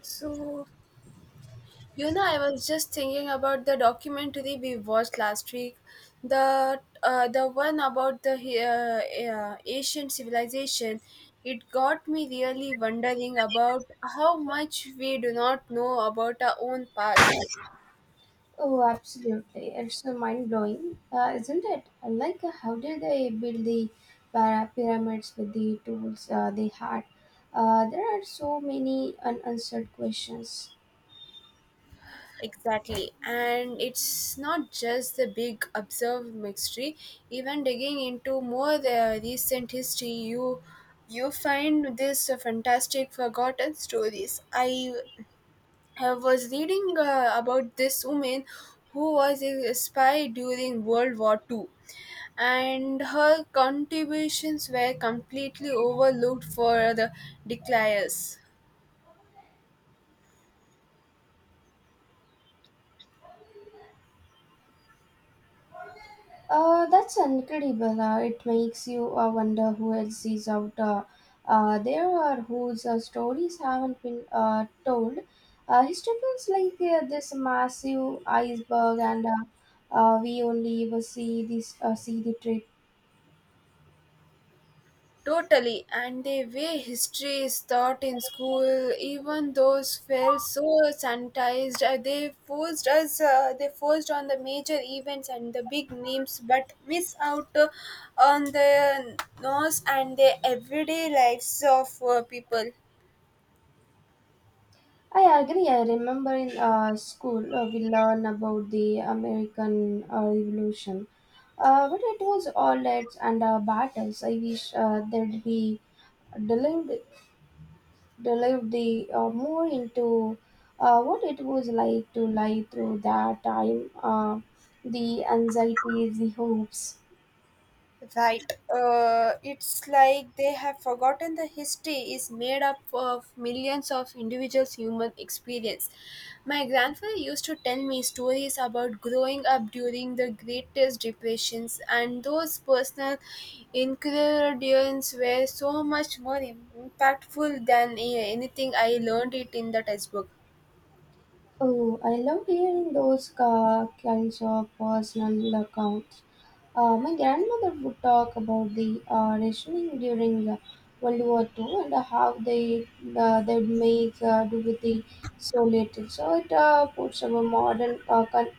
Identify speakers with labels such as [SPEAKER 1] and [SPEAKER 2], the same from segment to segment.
[SPEAKER 1] So, I was just thinking about the documentary we watched last week, the one about the Asian civilization. It got me really wondering about how much we do not know about our own past.
[SPEAKER 2] Oh, absolutely. It's so mind blowing, isn't it? How did they build the pyramids with the tools they had? There are so many unanswered questions.
[SPEAKER 1] Exactly, and it's not just the big observed mystery. Even digging into more recent history, you find this fantastic forgotten stories. I was reading about this woman who was a spy during World War II, and her contributions were completely overlooked for the declares.
[SPEAKER 2] That's incredible. It makes you wonder who else is out there or whose stories haven't been told. History feels like this massive iceberg, and we only ever see the tip.
[SPEAKER 1] Totally, and the way history is taught in school, even those felt so sanitized. They forced on the major events and the big names, but miss out on the nose and the everyday lives of people.
[SPEAKER 2] I agree. I remember in school we learned about the American Revolution, but it was all reds and battles. I wish that we delved, delved the more into what it was like to live through that time, the anxieties, the hopes.
[SPEAKER 1] Right. It's like they have forgotten the history is made up of millions of individuals' human experience. My grandfather used to tell me stories about growing up during the greatest depressions, and those personal ingredients were so much more impactful than anything I learned it in the textbook.
[SPEAKER 2] Oh, I love hearing those kinds of personal accounts. My grandmother would talk about the rationing during World War Two and how they'd make do with the so little. So it puts our modern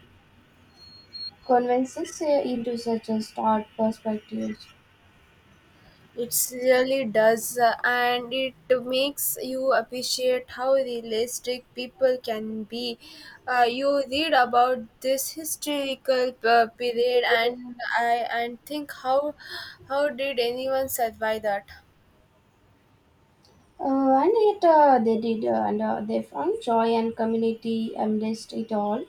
[SPEAKER 2] conventions into such a stark perspective.
[SPEAKER 1] It really does, and it makes you appreciate how realistic people can be. You read about this historical period, and I and think how did anyone survive that?
[SPEAKER 2] And yet they did, and they found joy and community amidst it all.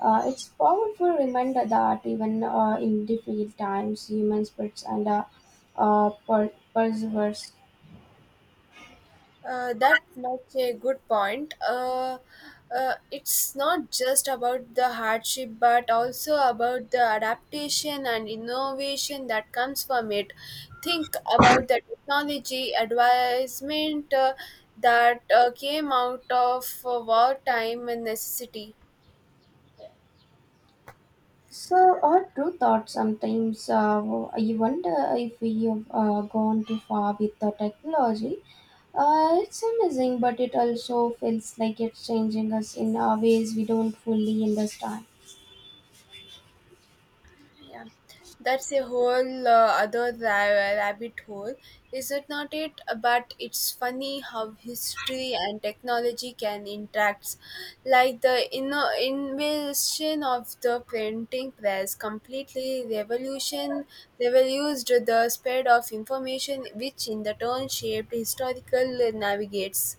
[SPEAKER 2] It's powerful reminder that even in difficult times, human spirits and perseveres.
[SPEAKER 1] That's not a good point. It's not just about the hardship, but also about the adaptation and innovation that comes from it. Think about the technology advancement that came out of wartime and necessity.
[SPEAKER 2] So, our true thoughts sometimes I wonder if we have gone too far with the technology. It's amazing, but it also feels like it's changing us in ways we don't fully understand.
[SPEAKER 1] Yeah, that's a whole other rabbit hole, is it not? It but it's funny how history and technology can interact, like the invention of the printing press completely revolutionized the spread of information, which in the turn shaped historical navigates.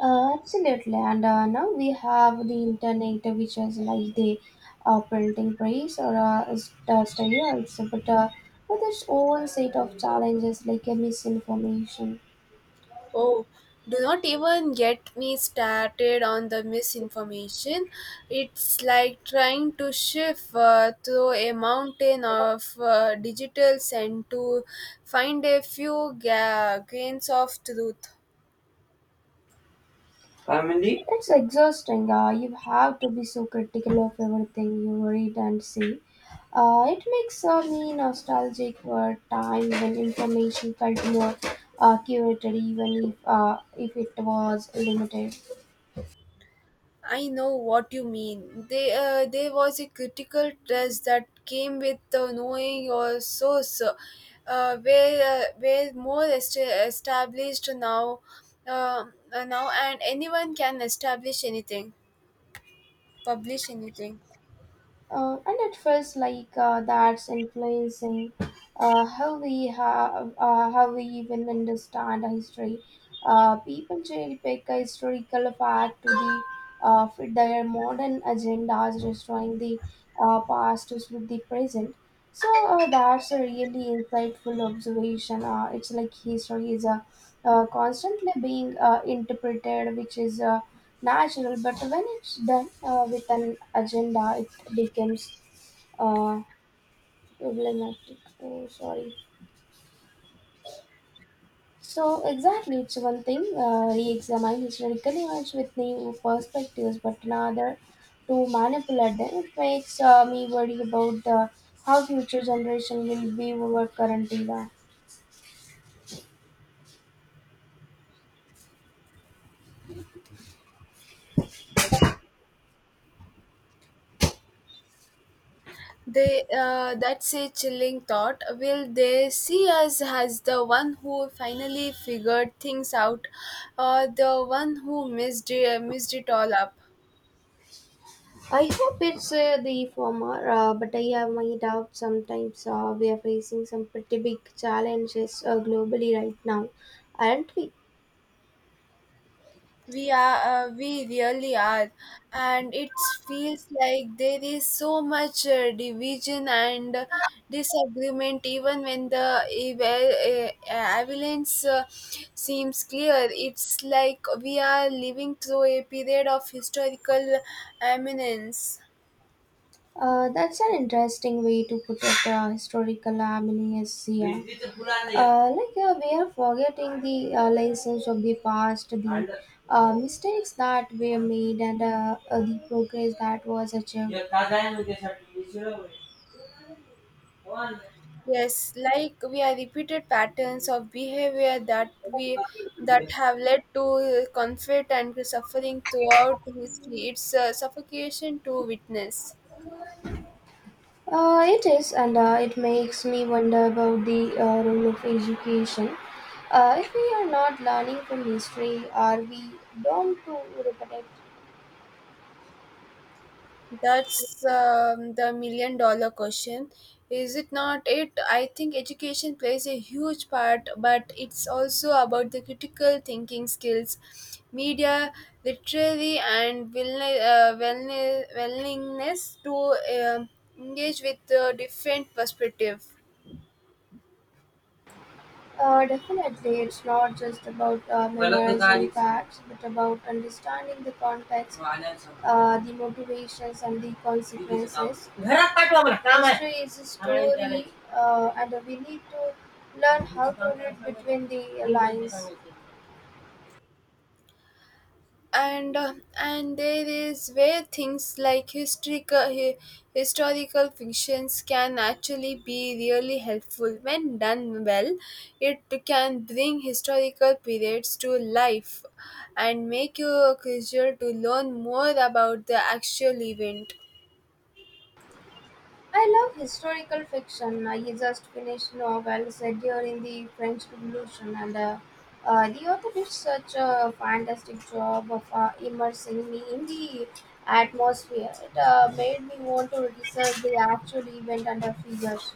[SPEAKER 2] Absolutely, and now we have the internet, which is like the printing press or study also, but with its own set of challenges like misinformation.
[SPEAKER 1] Oh, do not even get me started on the misinformation. It's like trying to shift through a mountain of digitals and to find a few grains of truth.
[SPEAKER 2] Family? It's exhausting. You have to be so critical of everything you read and see. It makes me nostalgic for a time when information felt more curated, even if it was limited.
[SPEAKER 1] I know what you mean. There was a critical test that came with knowing your source, where more established uh, now, and anyone can establish anything, publish anything.
[SPEAKER 2] And it feels like that's influencing how we how we even understand history. People cherry pick a historical fact to the fit their modern agendas, destroying the past with the present. So that's a really insightful observation. It's like history is constantly being interpreted, which is natural. But when it's done with an agenda, becomes uh, problematic. Oh, sorry. So exactly, it's one thing re-examine historical events with new perspectives, but another to manipulate them. It makes me worry about how future generation will view our current era.
[SPEAKER 1] They That's a chilling thought. Will they see us as the one who finally figured things out, or the one who missed it all up?
[SPEAKER 2] I hope it's the former, but I have my doubts. Sometimes we are facing some pretty big challenges globally right now, aren't we?
[SPEAKER 1] We are we really are, and it feels like there is so much division and disagreement even when the avalanche seems clear. It's like we are living through a period of historical eminence.
[SPEAKER 2] That's an interesting way to put it, historical amnesia. Like we are forgetting the lessons of the past, the mistakes that were made, and the progress that was achieved.
[SPEAKER 1] Yes, like we are repeated patterns of behavior that have led to conflict and suffering throughout history. It's a suffocation to witness.
[SPEAKER 2] It is, and it makes me wonder about the role of education. If we are not learning from history, are we doomed to repeat it?
[SPEAKER 1] That's the million dollar question. Is it not it? I think education plays a huge part, but it's also about the critical thinking skills, media literacy, and willingness to engage with different perspective.
[SPEAKER 2] Definitely, it's not just about memorizing facts, but about understanding the context, the motivations, and the consequences. History is a story, and we need to learn how to read between the lines.
[SPEAKER 1] And there is where things like historical fictions can actually be really helpful when done well. It can bring historical periods to life and make you curious to learn more about the actual event.
[SPEAKER 2] I love historical fiction. I just finished novel set during the French Revolution, and the author did such a fantastic job of immersing me in the atmosphere. It made me want to research the actual event and the figures.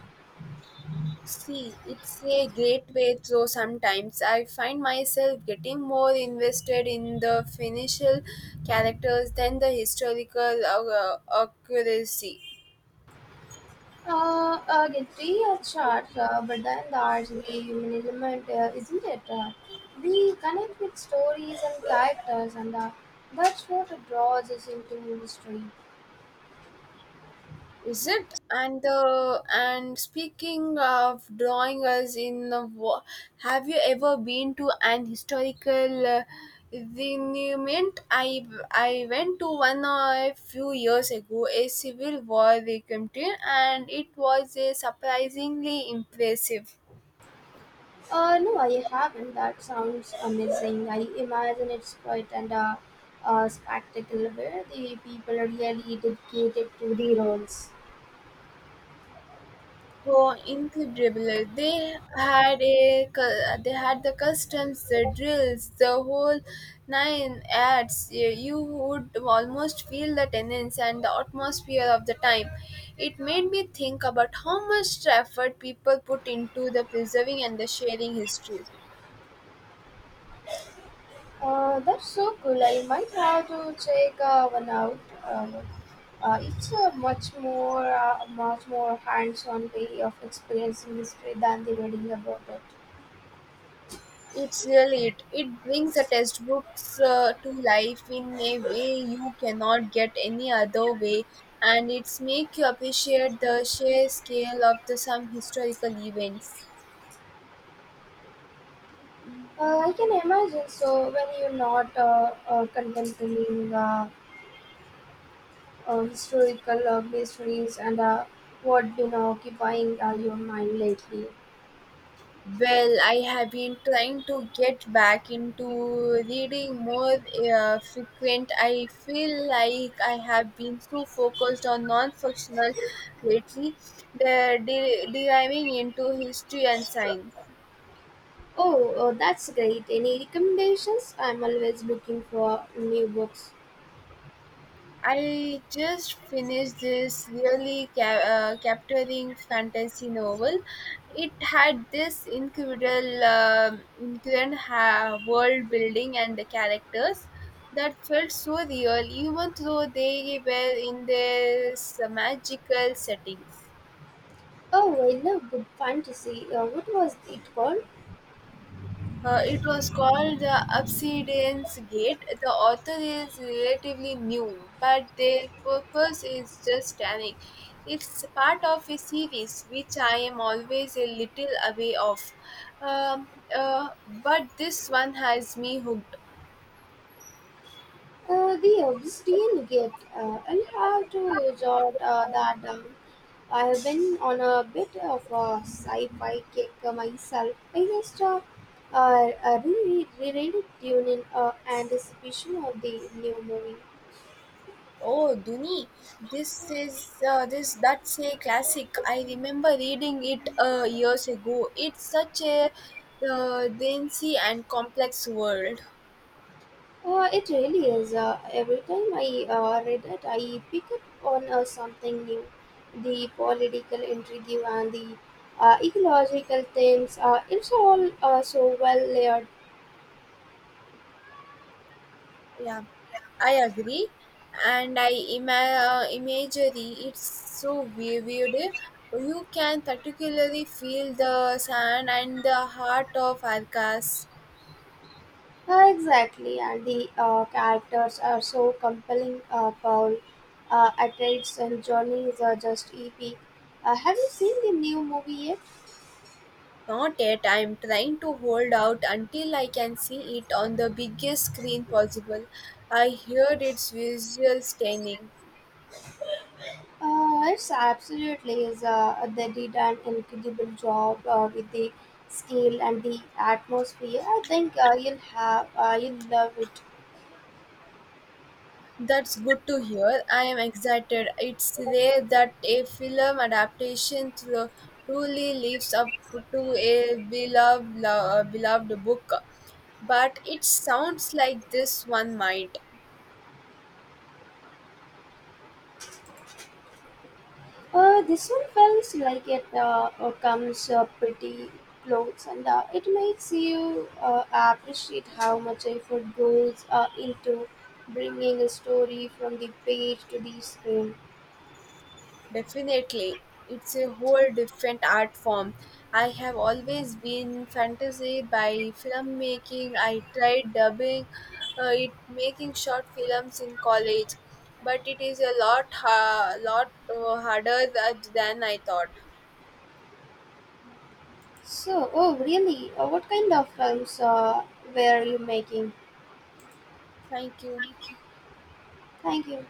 [SPEAKER 1] See, it's a great way through. Sometimes I find myself getting more invested in the financial characters than the historical accuracy.
[SPEAKER 2] Get three charts, but then there's the human element, isn't it? We connect with stories and characters, and that's what draws us into history.
[SPEAKER 1] Is it? And speaking of drawing us in, have you ever been to an historical monument? I went to one a few years ago, a Civil War victim, and it was surprisingly impressive.
[SPEAKER 2] No, I haven't. That sounds amazing. I imagine it's quite and a spectacle where the people are really dedicated to the roles.
[SPEAKER 1] Oh, incredible! They had the customs, the drills, the whole nine ads. Y- You would almost feel the tenants and the atmosphere of the time. It made me think about how much effort people put into the preserving and the sharing history.
[SPEAKER 2] That's so cool. I might have to check one out. It's a much more hands-on way of experiencing history than the reading about it.
[SPEAKER 1] It's really it. It brings the textbooks to life in a way you cannot get any other way, and it's make you appreciate the sheer scale of the some historical events.
[SPEAKER 2] I can imagine. So when you're not contemplating historical mysteries and what been occupying your mind lately?
[SPEAKER 1] Well, I have been trying to get back into reading more frequent. I feel like I have been so focused on non-functional lately, deriving into history and science.
[SPEAKER 2] Oh, oh, that's great. Any recommendations? I'm always looking for new books.
[SPEAKER 1] I just finished this really capturing fantasy novel. It had this incredible world building and the characters that felt so real, even though they were in this magical settings.
[SPEAKER 2] Oh, I love good fantasy. What was it called?
[SPEAKER 1] It was called the Obsidian's Gate. The author is relatively new, but the purpose is just stunning. It's part of a series which I am always a little away of. Um, uh, but this one has me hooked.
[SPEAKER 2] The Obsidian Gate. I'll have to jot that down. I have been on a bit of a sci-fi kick myself. I just reread it during anticipation of the new movie.
[SPEAKER 1] Oh, Duni, this is this that's a classic. I remember reading it years ago. It's such a dense and complex world.
[SPEAKER 2] It really is. Every time I read it, I pick up on something new. The political intrigue and the ecological themes, it's all so well layered.
[SPEAKER 1] Yeah, I agree. And imagery, it's so vivid. You can particularly feel the sand and the heart of Arcas.
[SPEAKER 2] Exactly, and the characters are so compelling. Paul Atreides and Johnny is just epic. Have you seen the new movie yet?
[SPEAKER 1] Not yet. I'm trying to hold out until I can see it on the biggest screen possible. I hear its visual stunning.
[SPEAKER 2] It's absolutely is. They did an incredible job with the scale and the atmosphere. I think you'll love it.
[SPEAKER 1] That's good to hear. I am excited. It's rare that a film adaptation truly lives up to a beloved book, but it sounds like this one might.
[SPEAKER 2] This one feels like it comes pretty close, and it makes you appreciate how much effort goes into bringing a story from the page to the screen.
[SPEAKER 1] Definitely. It's a whole different art form. I have always been fantasy by filmmaking. I tried dubbing it making short films in college, but it is a lot harder than I thought.
[SPEAKER 2] So, oh really? What kind of films were you making?
[SPEAKER 1] Thank you.
[SPEAKER 2] Thank you.